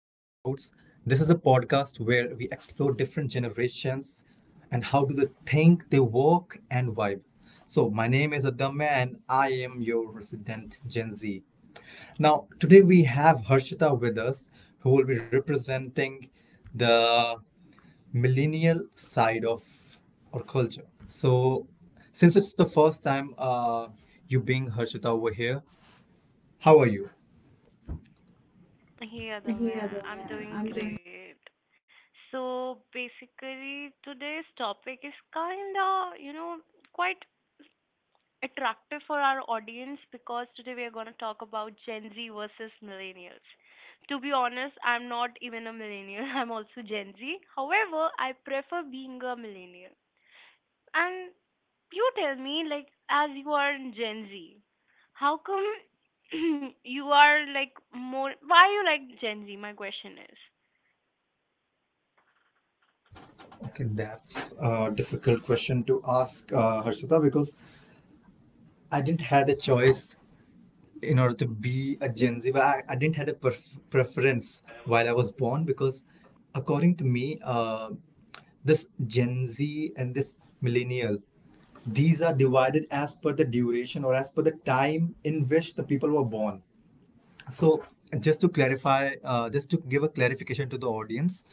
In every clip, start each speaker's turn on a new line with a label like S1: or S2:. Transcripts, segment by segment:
S1: This is a podcast where we explore different generations and how do they think, they work, and vibe. So, my name is Adamya and I am your resident Gen Z. Now, today we have Harshita with us who will be representing the millennial side of our culture. So, since it's the first time you being Harshita over here, how are you?
S2: Yeah, the
S1: Yeah, though, man.
S2: I'm
S1: I'm
S2: doing
S1: doing.
S2: great. So basically, today's topic is kind of, you know, quite attractive for our audience because today we are going to talk about Gen Z versus millennials. To be honest, I'm not even a millennial. I'm also Gen Z. However, I prefer being a millennial. And you tell me, like, as you are in Gen Z, how come you are like more, why you like Gen Z? My question is.
S1: Okay, that's a difficult question to ask Harshita because I didn't had a choice in order to be a Gen Z, but I didn't had a preference while I was born because according to me, this Gen Z and this millennial, these are divided as per the duration or as per the time in which the people were born. So, just to clarify, just to give a clarification to the audience,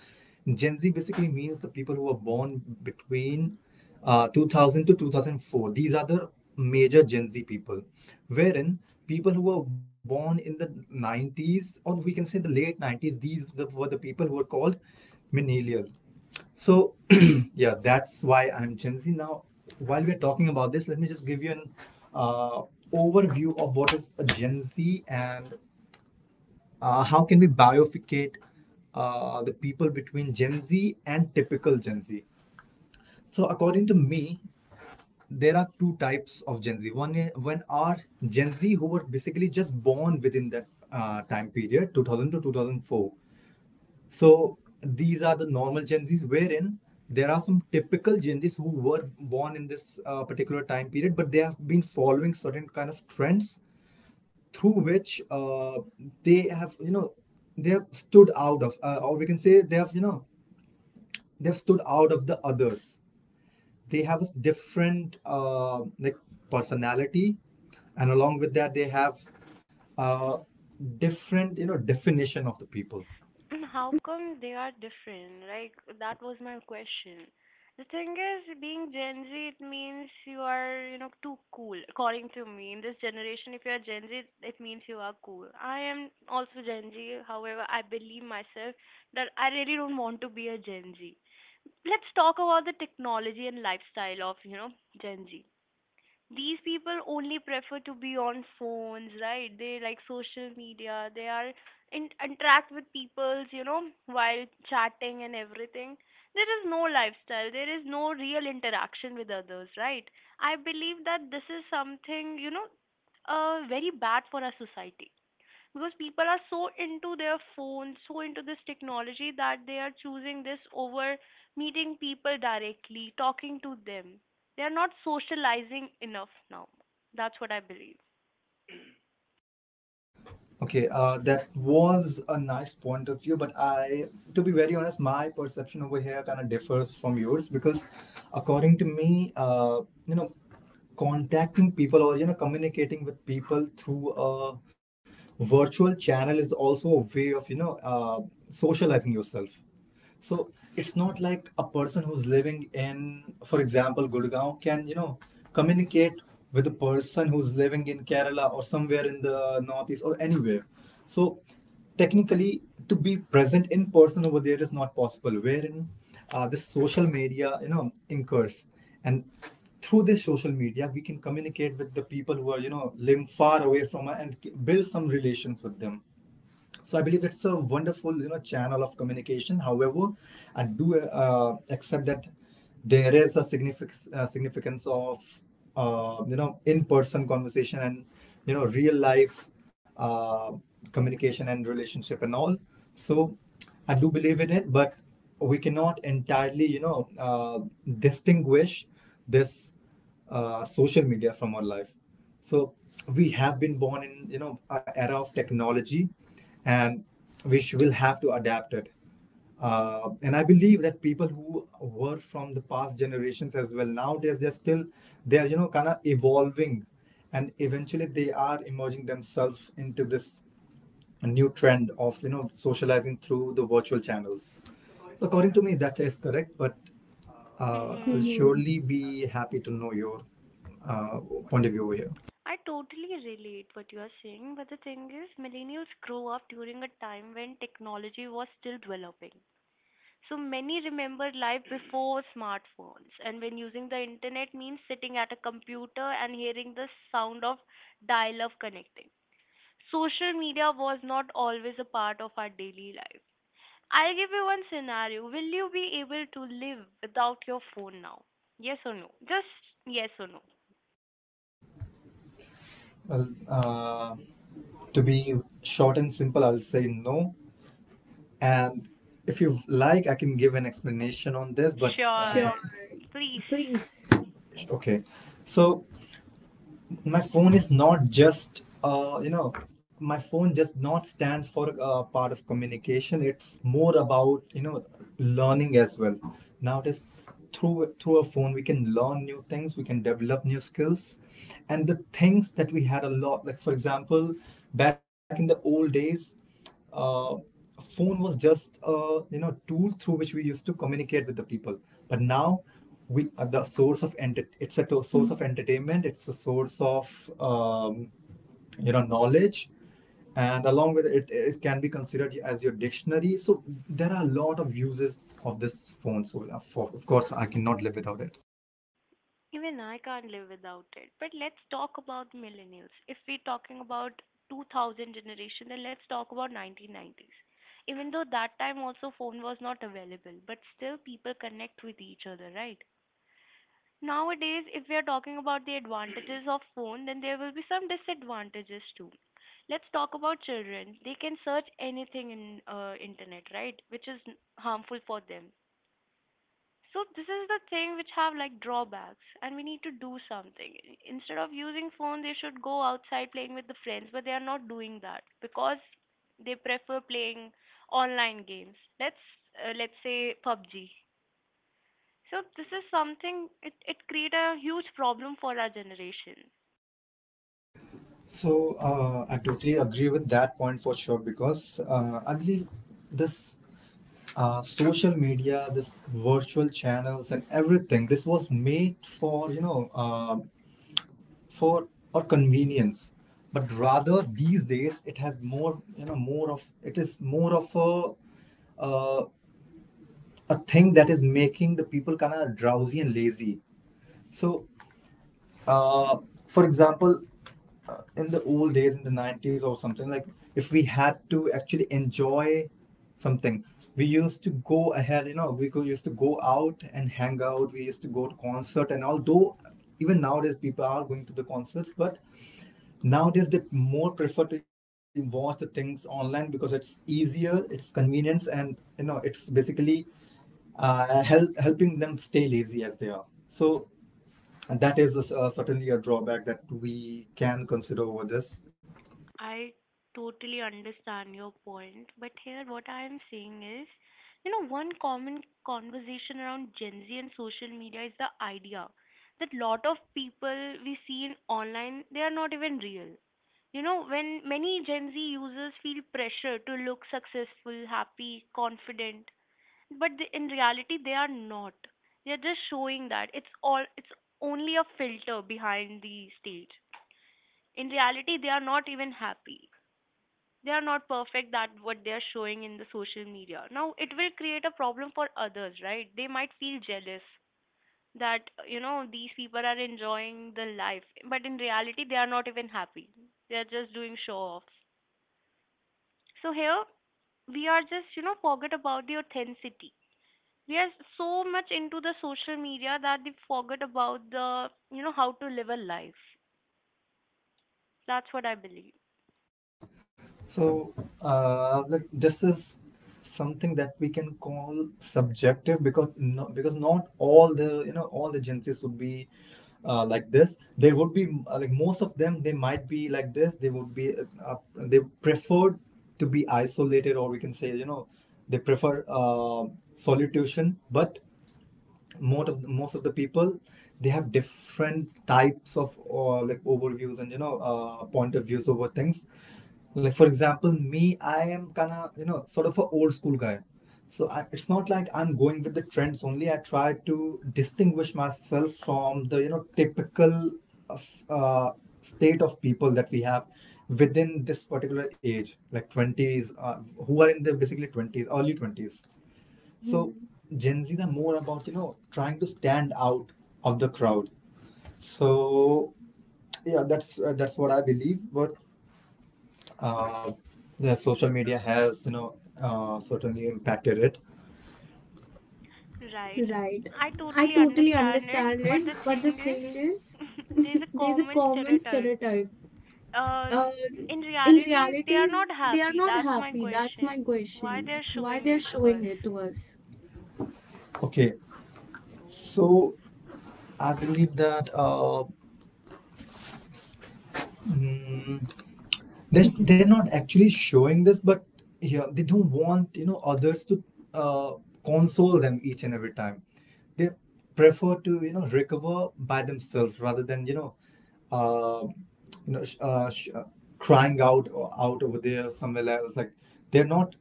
S1: Gen Z basically means the people who were born between 2000 to 2004. These are the major Gen Z people, wherein people who were born in the 90s or we can say the late 90s, were the people who were called millennial. So, yeah, that's why I'm Gen Z. Now, while we're talking about this, let me just give you an uh, overview of what is a Gen Z and how can we bioficate the people between Gen Z and typical Gen Z? So, according to me, there are two types of Gen Z. One are Gen Z who were basically just born within that time period, 2000 to 2004. So, these are the normal Gen Zs, wherein there are some typical Gen Zs who were born in this particular time period, but they have been following certain kind of trends through which they have you know they have stood out of, or we can say they have stood out of the others. They have a different like personality, and along with that they have uh, different definition of the people.
S2: And how come they are different? Like, that was my question. The thing is, being Gen Z, it means you are, you know, too cool. According to me, in this generation, if you are Gen Z, it means you are cool. I am also Gen Z. However, I believe myself that I really don't want to be a Gen Z. Let's talk about the technology and lifestyle of, you know, Gen Z. These people only prefer to be on phones, right? They like social media, they are in interact with peoples, you know, while chatting and everything. There is no lifestyle, there is no real interaction with others, right? I believe that this is something, you know, very bad for our society because people are so into their phones, so into this technology that they are choosing this over meeting people directly, talking to them. They are not socializing enough now. That's what I believe.
S1: Okay, that was a nice point of view, but I, to be very honest, my perception over here kind of differs from yours because, according to me, you know, contacting people or communicating with people through a virtual channel is also a way of socializing yourself. So it's not like a person who's living in, for example, Gurgaon can, communicate with a person who's living in Kerala or somewhere in the northeast or anywhere. So technically, to be present in person over there is not possible. Wherein this social media, incurs, and through this social media, we can communicate with the people who are, living far away from us and build some relations with them. So I believe it's a wonderful channel of communication. However, I do accept that there is a significance, significance of, in-person conversation and real life, uh, communication and relationship and all. So I do believe in it, but we cannot entirely distinguish this social media from our life. So we have been born in an era of technology, and which will have to adapt it. And I believe that people who were from the past generations as well, nowadays they're still they're you know kind of evolving, and eventually they are emerging themselves into this a new trend of socializing through the virtual channels. So, according to me, that is correct, but I'll
S2: Hmm.
S1: surely be happy to know your uh, point of view over here.
S2: I totally relate what you are saying, but the thing is, millennials grow up during a time when technology was still developing. So many remember life before smartphones, and when using the internet means sitting at a computer and hearing the sound of dial up connecting. Social media was not always a part of our daily life. I'll give you one scenario. Will you be able to live without your phone now? Yes or no? Just yes or no.
S1: Well, to be short and simple, I'll say no. And if you like, I can give an explanation on this, but sure.
S2: Sure. Please.
S1: Please. Okay. So my phone is not just my phone just not stands for a part of communication. It's more about learning as well. Nowadays, through a phone we can learn new things, we can develop new skills, and the things that we had a lot, like for example, back in the old days, uh, phone was just a tool through which we used to communicate with the people. But now we are the source of it's a source of entertainment, it's a source of, um, knowledge, and along with it, it can be considered as your dictionary. So there are a lot of uses of this phone, so of course I cannot live without it.
S2: Even I can't live without it. But let's talk about millennials. If we're talking about 2000 generation, then let's talk about 1990s. Even though that time also phone was not available, but still people connect with each other, right? Nowadays, if we are talking about the advantages of phone, then there will be some disadvantages too. Let's talk about children. They can search anything in internet, right? Which is harmful for them. So this is the thing which have like drawbacks, and we need to do something. Instead of using phone, they should go outside playing with the friends, but they are not doing that because they prefer playing online games. Let's say PUBG. So this is something it create a huge problem for our generation.
S1: So I totally agree with that point for sure, because I believe this social media, this virtual channels and everything. This was made for for our convenience, but rather these days it has more, more of it is more of uh, a thing that is making the people kind of drowsy and lazy. So, Uh, for example, in the old days, in the 90s or something, like if we had to actually enjoy something, we used to go ahead, used to go out and hang out. We used to go to concert. And although even nowadays people are going to the concerts, but nowadays they more prefer to watch the things online because it's easier, it's convenience, and, it's basically helping them stay lazy as they are. So, and that is certainly a drawback that we can consider over this.
S2: I totally understand your point, but here what I am saying is, you know, one common conversation around Gen Z and social media is the idea that lot of people we see in online, they are not even real. You know, when many Gen Z users feel pressure to look successful, happy, confident, but in reality they are not. They are just showing that it's only a filter behind the stage. In reality, they are not even happy, they are not perfect, that what they are showing in the social media. Now it will create a problem for others, right? They might feel jealous that, you know, these people are enjoying the life, but in reality they are not even happy. They are just doing show off. So here we are just, you know, forget about the authenticity. We are so much into the social media that we forget about the, you know, how to live a life. That's what I believe.
S1: So like, this is something that we can call subjective because not all the, all the Gen Zs would be like this. There would be like most of them, they might be like this. They would be they preferred to be isolated, or we can say, they prefer solitude. But most of the people, they have different types of, like, overviews and point of views over things, like for example, me, I am kind of sort of an old school guy. So it's not like I'm going with the trends only. I try to distinguish myself from the typical, uh, s- uh, state of people that we have within this particular age, like 20s, who are in the basically 20s, early 20s. So Gen Zs are more about, you know, trying to stand out of the crowd. So yeah, that's what I believe. But uh, the social media has, certainly impacted it.
S2: Right.
S1: Right.
S2: I
S1: I
S2: totally
S1: totally
S2: understand it,
S1: understand
S2: but
S1: it,
S2: the
S1: but the
S2: thing
S1: thing is,
S2: is, there's a
S1: there's a
S2: common
S1: common
S2: stereotype.
S1: stereotype.
S2: Um,
S1: Um,
S2: in
S1: in
S2: reality, they are
S1: reality,
S2: not
S1: they are not
S2: happy. That's
S1: happy.
S2: my
S1: That's my
S2: question.
S1: question.
S2: Why they're
S1: Why they're
S2: showing it
S1: showing
S2: to us?
S1: it to us? Okay, so I believe that, mm, they're not actually showing this, but yeah, they don't want others to uh, console them each and every time. They prefer to recover by themselves, rather than uh, you know sh- sh- crying out, or out over there somewhere else. Like, they're not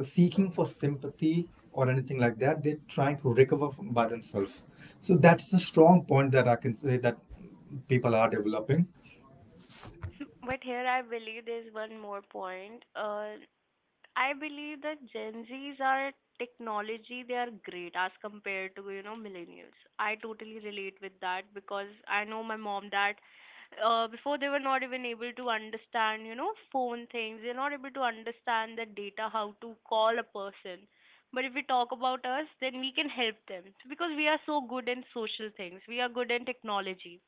S1: seeking for sympathy or anything like that. They're trying to recover by themselves. So that's a strong point that I can say that people are developing.
S2: But here I believe there's one more point. I believe that Gen Zs are technology, they are great as compared to, you know, millennials. I totally relate with that because I know my mom that before they were not even able to understand, you know, phone things. They're not able to understand the data, how to call a person. But if we talk about us, then we can help them because we are so good in social things. We are good in technology.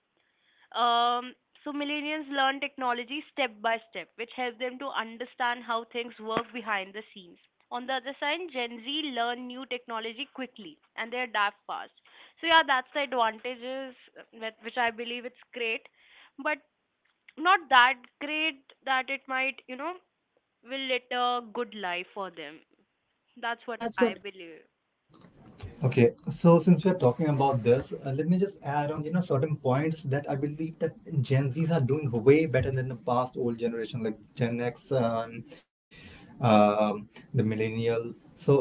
S2: Um, so millennials learn technology step by step, which helps them to understand how things work behind the scenes. On the other side, Gen Z learn new technology quickly and they adapt fast. So yeah, that's the advantages which I believe it's great, but not that great that it might, you know, will lead a good life for them. That's what
S1: That's
S2: I
S1: what
S2: believe.
S1: Okay, so since we're talking about this, let me just add on, certain points that I believe that Gen Zs are doing way better than the past old generation, like Gen X, um the millennial. So,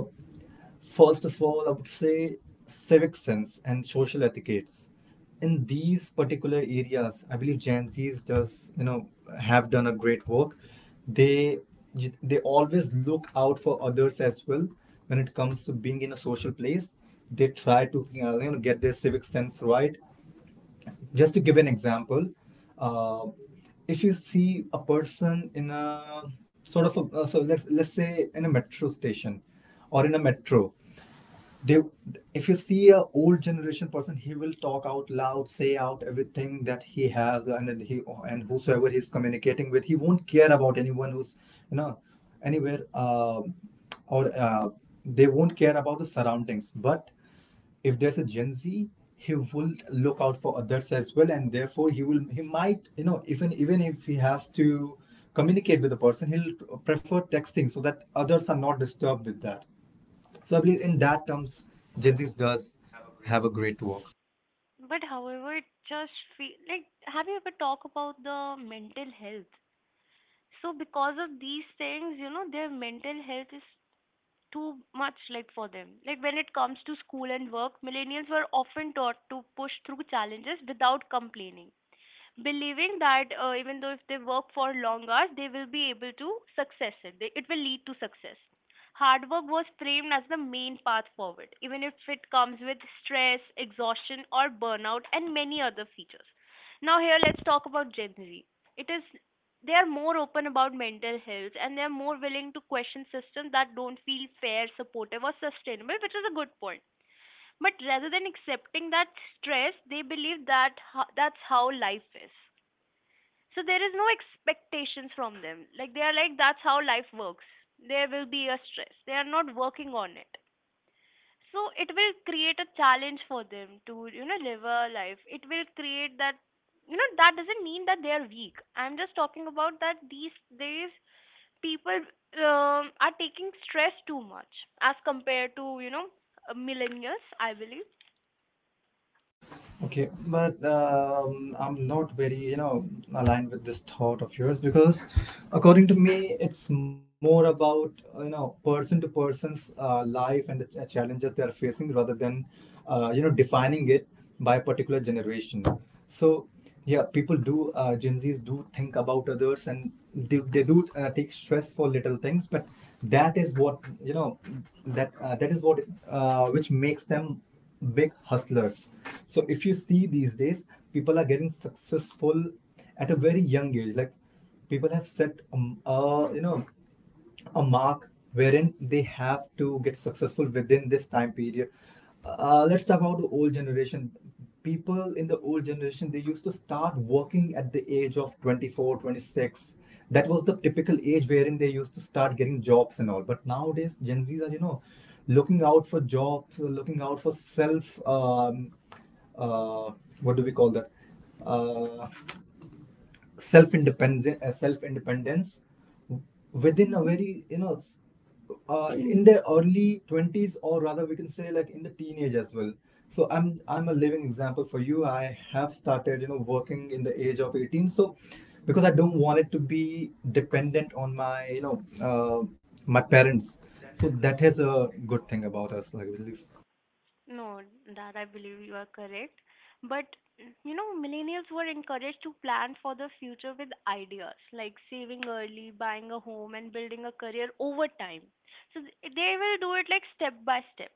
S1: first of all, I would say civic sense and social etiquettes. In these particular areas, I believe Gen Z's does you know have done a great work. They they always look out for others as well when it comes to being in a social place. They try to get their civic sense right. Just to give an example, uh, if you see a person in a sort of a, so let's say in a metro station or in a metro, they if you see a old generation person, he will talk out loud, say out everything that he has, and then he and whosoever he's communicating with, he won't care about anyone who's you know anywhere, or they won't care about the surroundings. But if there's a Gen Z, he will look out for others as well, and therefore he might, even if he has to communicate with the person, he'll prefer texting so that others are not disturbed with that. So I believe in that terms, Gen Z does have a great work.
S2: But however, it just feel like have you ever talked about the mental health? So because of these things, you know, their mental health is too much like for them. Like when it comes to school and work, millennials were often taught to push through challenges without complaining, believing that, even though if they work for long hours, they will be able to success it. They, it will lead to success. Hard work was framed as the main path forward, even if it comes with stress, exhaustion, or burnout, and many other features. Now, here let's talk about Gen Z. It is they are more open about mental health and they are more willing to question systems that don't feel fair, supportive, or sustainable, which is a good point. But rather than accepting that stress, they believe that that's how life is. So there is no expectations from them, like they are like that's how life works. There will be a stress, they are not working on it. So it will create a challenge for them to, you know, live a life. It will create that, you know, that doesn't mean that they are weak. I'm just talking about that these days people are taking stress too much as compared to, you know, millennials, I believe.
S1: Okay, but I'm not very, aligned with this thought of yours because, according to me, it's more about person to person's life and the challenges they are facing rather than, defining it by a particular generation. So, yeah, people do Gen Zs do think about others and they do take stress for little things, but that is what you know that that is what which makes them big hustlers. So if you see these days, people are getting successful at a very young age. Like people have set a mark wherein they have to get successful within this time period. Let's talk about the old generation. People in the old generation, they used to start working at the age of 24, 26. That was the typical age wherein they used to start getting jobs and all, but nowadays Gen Z's are looking out for jobs, looking out for self uh, what do we call that uh, self independence, self independence within a very in their early 20s, or rather we can say like in the teenage as well. So I'm a living example for you. I have started working in the age of 18. So because I don't want it to be dependent on my my parents, so that is a good thing about us, I believe.
S2: No, that I believe you are correct. But you know, millennials were encouraged to plan for the future with ideas like saving early, buying a home, and building a career over time. So they will do it like step by step.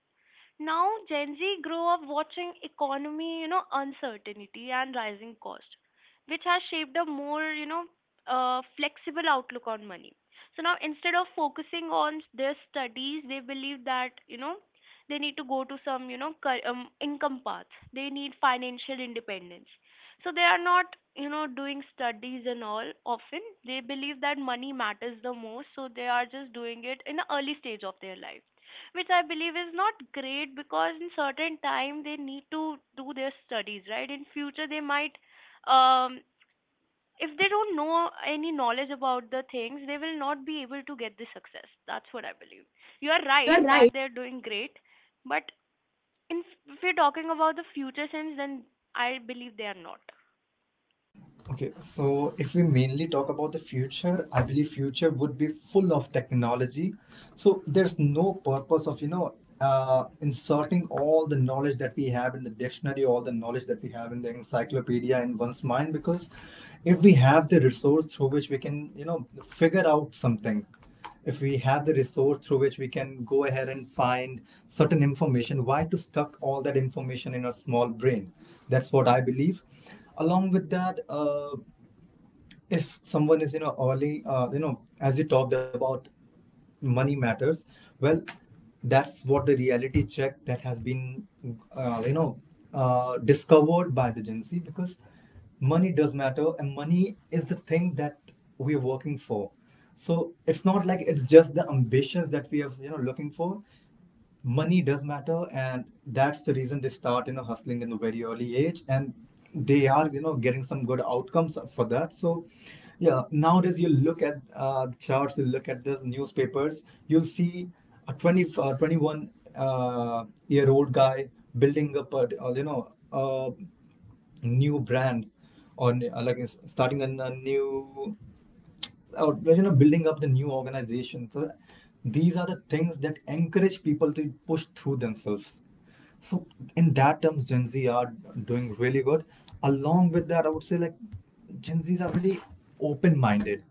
S2: Now, Gen Z grew up watching economy, you know, uncertainty and rising cost, which has shaped a more, you know, flexible outlook on money. So now, instead of focusing on their studies, they believe that, you know, they need to go to some, you know, income path. They need financial independence. So they are not, you know, doing studies and all often. They believe that money matters the most, so they are just doing it in the early stage of their life, which I believe is not great because in certain time they need to do their studies, right? In future they might, um, if they don't know any knowledge about the things, they will not be able to get the success. That's what I believe. You are
S1: You are
S2: right
S1: right.
S2: that they're doing great, but in, if you're talking about the future sense, then I believe they are not.
S1: Okay, so if we mainly talk about the future, I believe future would be full of technology. So there's no purpose of, inserting all the knowledge that we have in the dictionary, all the knowledge that we have in the encyclopedia in one's mind, because if we have the resource through which we can, figure out something, if we have the resource through which we can go ahead and find certain information, why to stuck all that information in a small brain? That's what I believe. Along with that, if someone is early, as you talked about, money matters. Well, that's what the reality check that has been uh, you know discovered by the Gen Z, because money does matter, and money is the thing that we're working for. So it's not like it's just the ambitions that we have looking for. Money does matter, and that's the reason they start hustling in a very early age, and they are getting some good outcomes for that. So yeah, nowadays you look at the charts, you look at those newspapers, you'll see a 20 uh, 21 year old guy building up a a new brand, or starting a new, or building up the new organization. So these are the things that encourage people to push through themselves. So in that terms, Gen Z are doing really good. Along with that, I would say like Gen Z's are very open minded,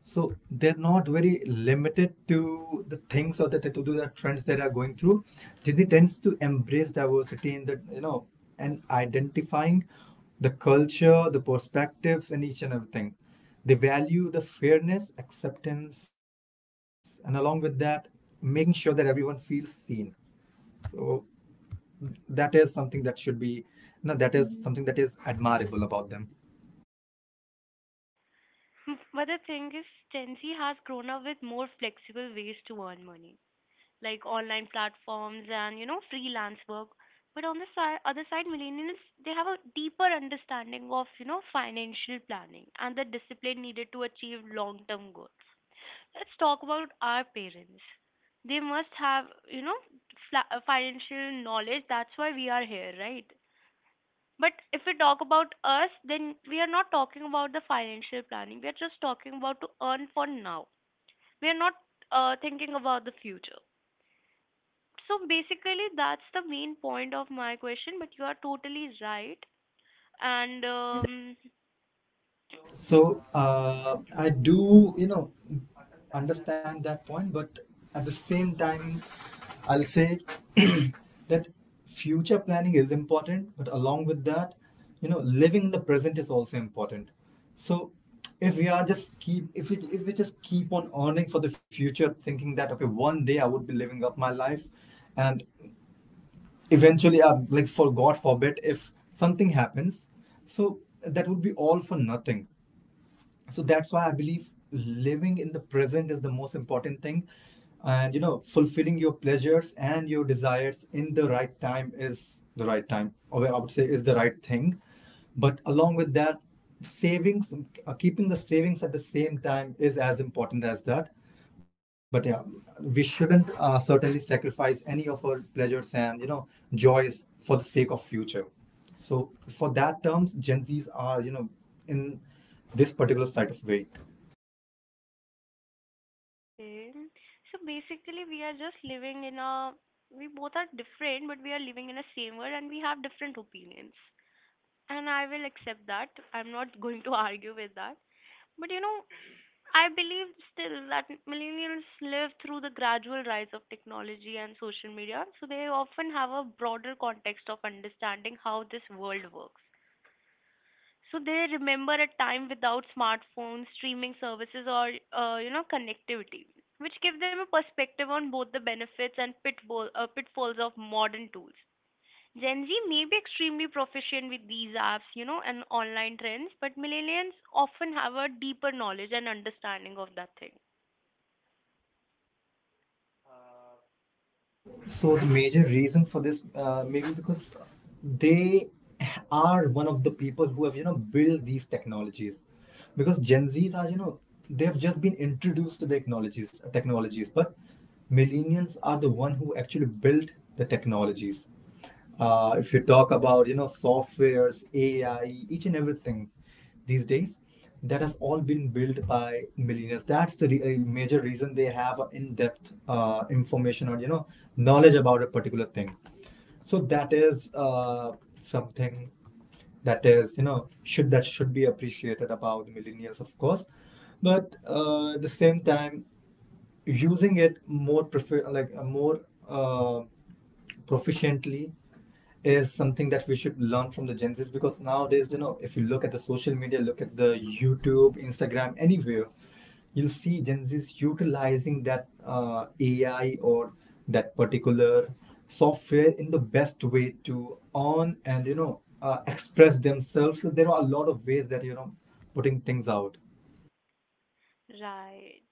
S1: so they're not very limited to the things or to the trends that are going through. Disney tends to embrace diversity in the and identifying the culture, the perspectives, and each and everything. They value the fairness, acceptance, and along with that, making sure that everyone feels seen. So that is something that should be no that is something that is admirable about them.
S2: But the thing is, Gen Z has grown up with more flexible ways to earn money, like online platforms and, you know, freelance work. But on the other side, millennials, they have a deeper understanding of, you know, financial planning and the discipline needed to achieve long term goals. Let's talk about our parents. They must have, you know, financial knowledge. That's why we are here, right? But if we talk about us, then we are not talking about the financial planning, we are just talking about to earn for now. We are not thinking about the future. So basically, that's the main point of my question, but you are totally right. And
S1: So I do, understand that point, but at the same time, I'll say that future planning is important, but along with that, you know, living the present is also important. So if we are just keep if we just keep on earning for the future, thinking that okay, one day I would be living up my life, and eventually, like for God forbid, if something happens, so that would be all for nothing. So that's why I believe living in the present is the most important thing. And you know, fulfilling your pleasures and your desires in the right time is the right time or I would say is the right thing. But along with that, savings, keeping the savings at the same time is as important as that. But yeah, we shouldn't certainly sacrifice any of our pleasures and you know, joys for the sake of future. So for that terms, Gen Zs are in this particular side of way.
S2: okay, so basically, we are just living in a we both are different, but we are living in a same world and we have different opinions. And I will accept that. I'm not going to argue with that. But you know, I believe still that millennials live through the gradual rise of technology and social media, so they often have a broader context of understanding how this world works. So they remember a time without smartphones, streaming services, or you know, connectivity, which give them a perspective on both the benefits and pitfalls of modern tools. Gen Z may be extremely proficient with these apps, you know, and online trends, but millennials often have a deeper knowledge and understanding of that thing.
S1: So the major reason for this maybe because they are one of the people who have built these technologies, because Gen Zs are they have just been introduced to the technologies, but millennials are the one who actually built the technologies. Uh, if you talk about you know softwares, AI, each and everything these days, that has all been built by millionaires. That's the a major reason they have a in-depth information or knowledge about a particular thing. So that is something that is should be appreciated about millennials, of course. But at the same time, using it more prefer like more uh, proficiently is something that we should learn from the Gen Zs, because nowadays, you know, if you look at the social media, look at the YouTube, Instagram, anywhere, you'll see Gen Zs utilizing that AI or that particular software in the best way to earn and, you know, express themselves. So there are a lot of ways that, you know, putting things out.
S2: Right.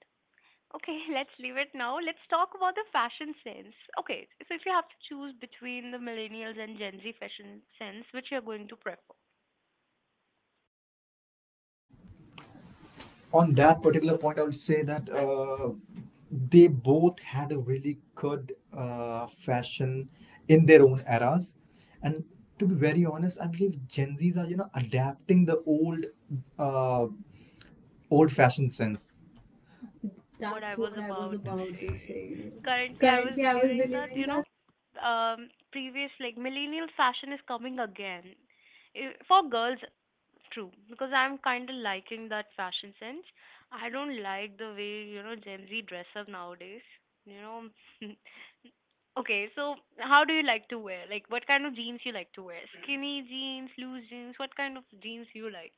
S2: Okay, let's leave it now. Let's talk about the fashion sense. Okay, so if you have to choose between the millennials and Gen Z fashion sense, which you're going to prefer?
S1: On that particular point, I would say that they both had a really good fashion in their own eras. And to be very honest, I believe Gen Zs are you know adapting the uh, old fashioned sense.
S2: That's what I
S1: That's what
S2: was
S1: I was
S2: about to
S1: about to
S2: say.
S1: say.
S2: Currently, I was
S1: Currently, I was
S2: believing that,
S1: believing that.
S2: previous, like, millennial fashion is coming again. For girls, true, because I'm kind of liking that fashion sense. I don't like the way, you know, Gen Z dress up nowadays. You know, okay, so how do you like to wear? Like, what kind of jeans you like to wear? Skinny jeans, loose jeans, what kind of jeans you like?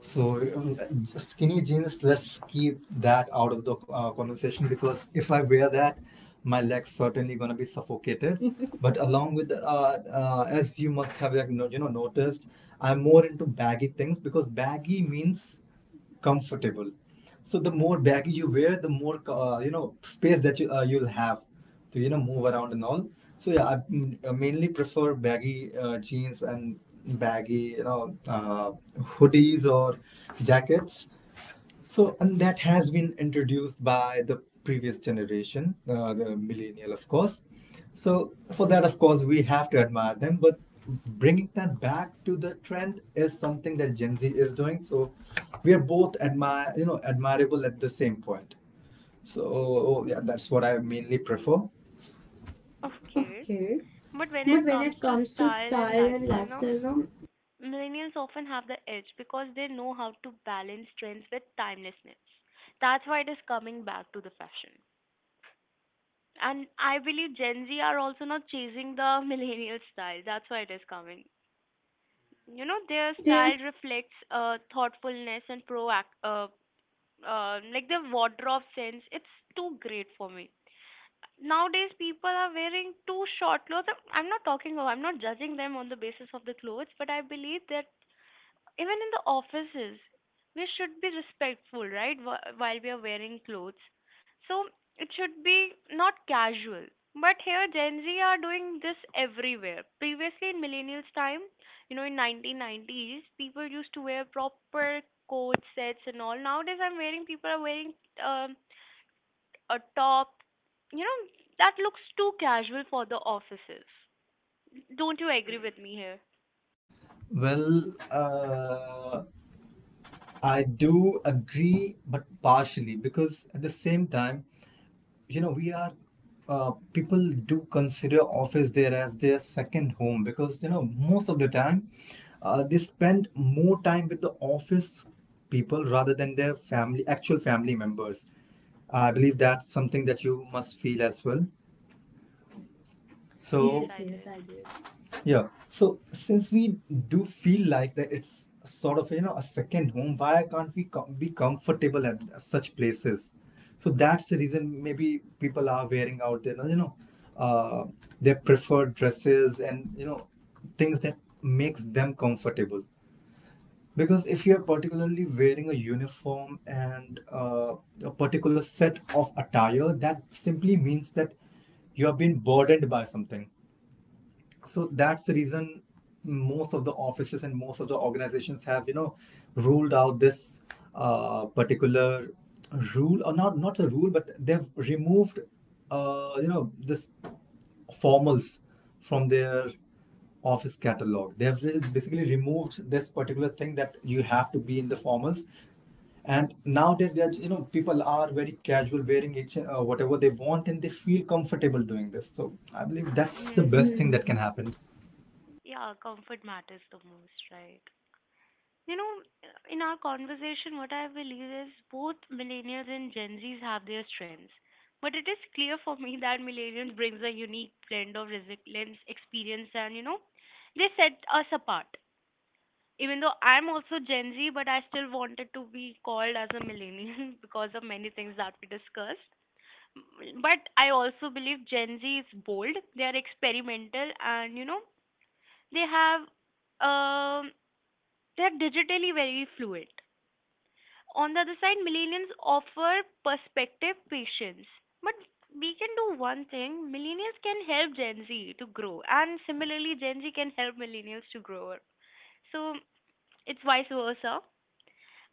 S1: So, just skinny jeans, let's keep that out of the conversation, because if I wear that, my legs certainly gonna be suffocated. But along with as you must have like no, you know noticed, I'm more into baggy things because baggy means comfortable. So the more baggy you wear, the more you know space that you'll have to you know move around and all. So yeah, mainly prefer baggy jeans and baggy hoodies or jackets. So, and that has been introduced by the previous generation, the millennial, of course. So, for that, of course, we have to admire them. But bringing that back to the trend is something that Gen Z is doing. So, we are both admire, you know, admirable at the same point. So, yeah, that's what I mainly prefer.
S2: Okay.
S1: Okay.
S2: But when
S1: But
S2: it
S1: when
S2: comes
S1: it
S2: to
S1: comes to
S2: style and
S1: style and
S2: lifestyle now,
S1: lifestyle, no,
S2: millennials often have the edge because they know how to balance trends with timelessness. That's why it is coming back to the fashion. And I believe Gen Z are also not chasing the millennial style. That's why it is coming. You know,
S1: you
S2: their
S1: know, there's.
S2: style reflects thoughtfulness and proact like their wardrobe sense. It's too great for me. Nowadays, people are wearing too short clothes. I'm not talking about, I'm not judging them on the basis of the clothes, but I believe that even in the offices, we should be respectful, right? While we are wearing clothes. So it should be not casual. But here, Gen Z are doing this everywhere. Previously, in millennials' time, you know, in 1990s, people used to wear proper coat sets and all. Nowadays, people are wearing um, a top. You know, that looks too casual for the offices. Don't you agree with me here?
S1: Well, uh, I do agree, but partially because at the same time, you know, we are people do consider office there as their second home, because you know most of the time they spend more time with the office people rather than their family actual family members. I believe that's something that you must feel as well.
S2: Yes,
S1: So,
S2: yes,
S1: Yes,
S2: I
S1: yes,
S2: did.
S1: I did. Yeah. So, since we do feel like that it's sort of, you know, a second home, why can't we com- be comfortable at such places? So, that's the reason maybe people are wearing out their, you know, uh, their preferred dresses and, you know, things that makes them comfortable. Because if you're particularly wearing a uniform and a particular set of attire, that simply means that you have been burdened by something. So that's the reason most of the offices and most of the organizations have you know ruled out this particular rule or not not a rule, but they've removed this formals from their office catalog. Basically removed this particular thing that you have to be in the formals. And nowadays, they are, you know, people are very casual, wearing each whatever they want, and they feel comfortable doing this. So I believe that's the
S2: Hmm.
S1: best thing that can happen.
S2: Yeah, comfort matters the most, right? You know, in our conversation, what I believe is both millennials and Gen Zs have their strengths. But it is clear for me that millennials brings a unique blend of resilience, experience, and you know, they set us apart. Even though I'm also Gen Z, but I still wanted to be called as a millennial because of many things that we discussed. But I also believe Gen Z is bold. They are experimental, and you know, they have um they are digitally very fluid. On the other side, millennials offer perspective, patience. But we can do one thing, millennials can help Gen Z to grow, and similarly, Gen Z can help millennials to grow. So it's vice versa.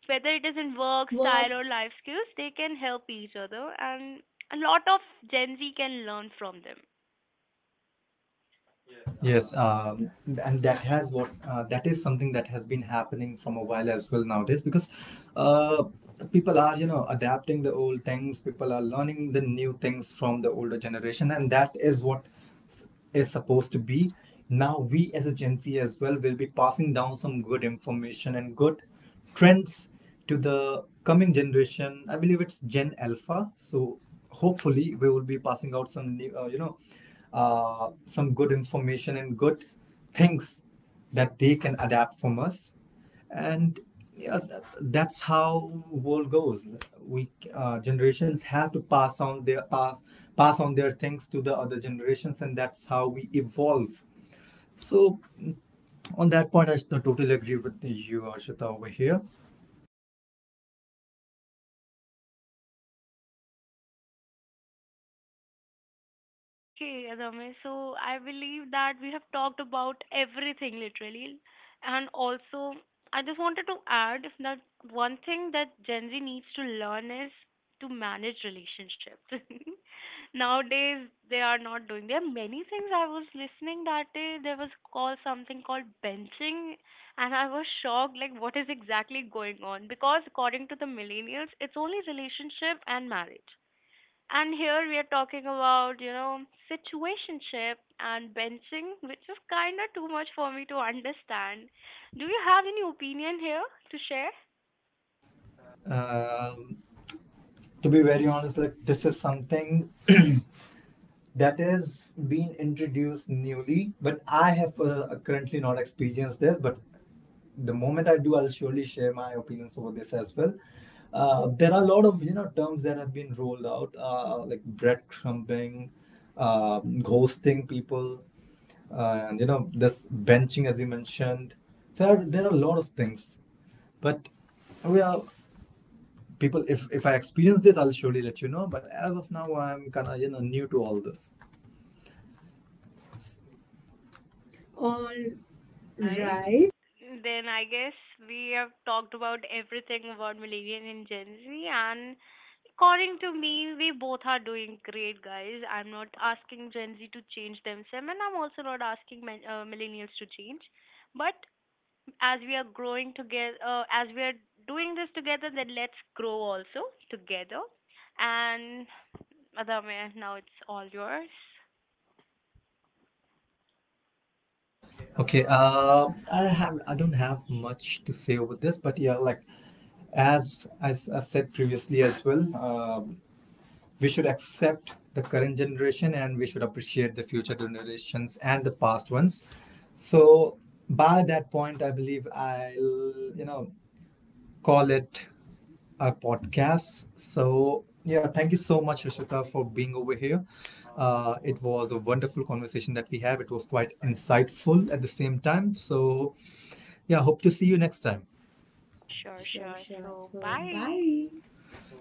S2: Whether it is in work, style, or life skills, they can help each other, and a lot of Gen Z can learn from them.
S1: Yes, and that is something that has been happening from a while as well nowadays, because uh, people are you know adapting the old things. People are learning the new things from the older generation, and that is s- is supposed to be. Now we as a Gen Z as well will be passing down some good information and good trends to the coming generation. I believe it's Gen Alpha. So hopefully we will be passing out some new some good information and good things that they can adapt from us. And yeah, that's how world goes. We generations have to pass on their things to the other generations, and that's how we evolve. So on that point, I totally agree with you, Arshita, over here.
S2: Okay, Adame. So I believe that we have talked about everything literally. And also, I just wanted to add that one thing that Gen Z needs to learn is to manage relationships. Nowadays, they are not doing. There are many things I was listening that day. There was called something called benching, and I was shocked like what is exactly going on because according to the millennials, it's only relationship and marriage and here we are talking about, you know, situationship and benching, which is kind of too much for me to understand. Do you have any opinion here to share?
S1: um, to be very honest, like this is something that is being introduced newly, but I have currently not experienced this. But the moment I do, I'll surely share my opinions over this as well. There are a lot of you know terms that have been rolled out, like breadcrumbing, ghosting people, and you know this benching, as you mentioned. There are a lot of things, but we are people. If I experience this, I'll surely let you know, but as of now, I'm kind of you know new to all this. All
S2: Right.
S1: right.
S2: Then I guess we have talked about everything about Millennial and Gen Z, and according to me, we both are doing great, guys. I'm not asking Gen Z to change themselves, and I'm also not asking Millennials to change. But as we are growing together, as we are doing this together, then let's grow also together. And Adame, now it's all yours.
S1: Okay, I have, I don't have much to say over this, but yeah, like as I said previously as well, we should accept the current generation, and we should appreciate the future generations and the past ones. So by that point, I believe I'll you know call it a podcast. So, yeah, thank you so much, Rishita, for being over here. It was a wonderful conversation that we have. It was quite insightful at the same time. So, yeah, hope to see you next time.
S2: Sure,
S1: Sure,
S2: sure.
S1: sure.
S2: So
S1: So,
S2: bye.
S1: bye.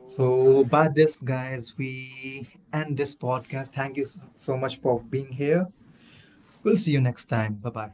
S1: So, by this, guys, we end this podcast. Thank you so so much for being here. We'll see you next time. Bye bye.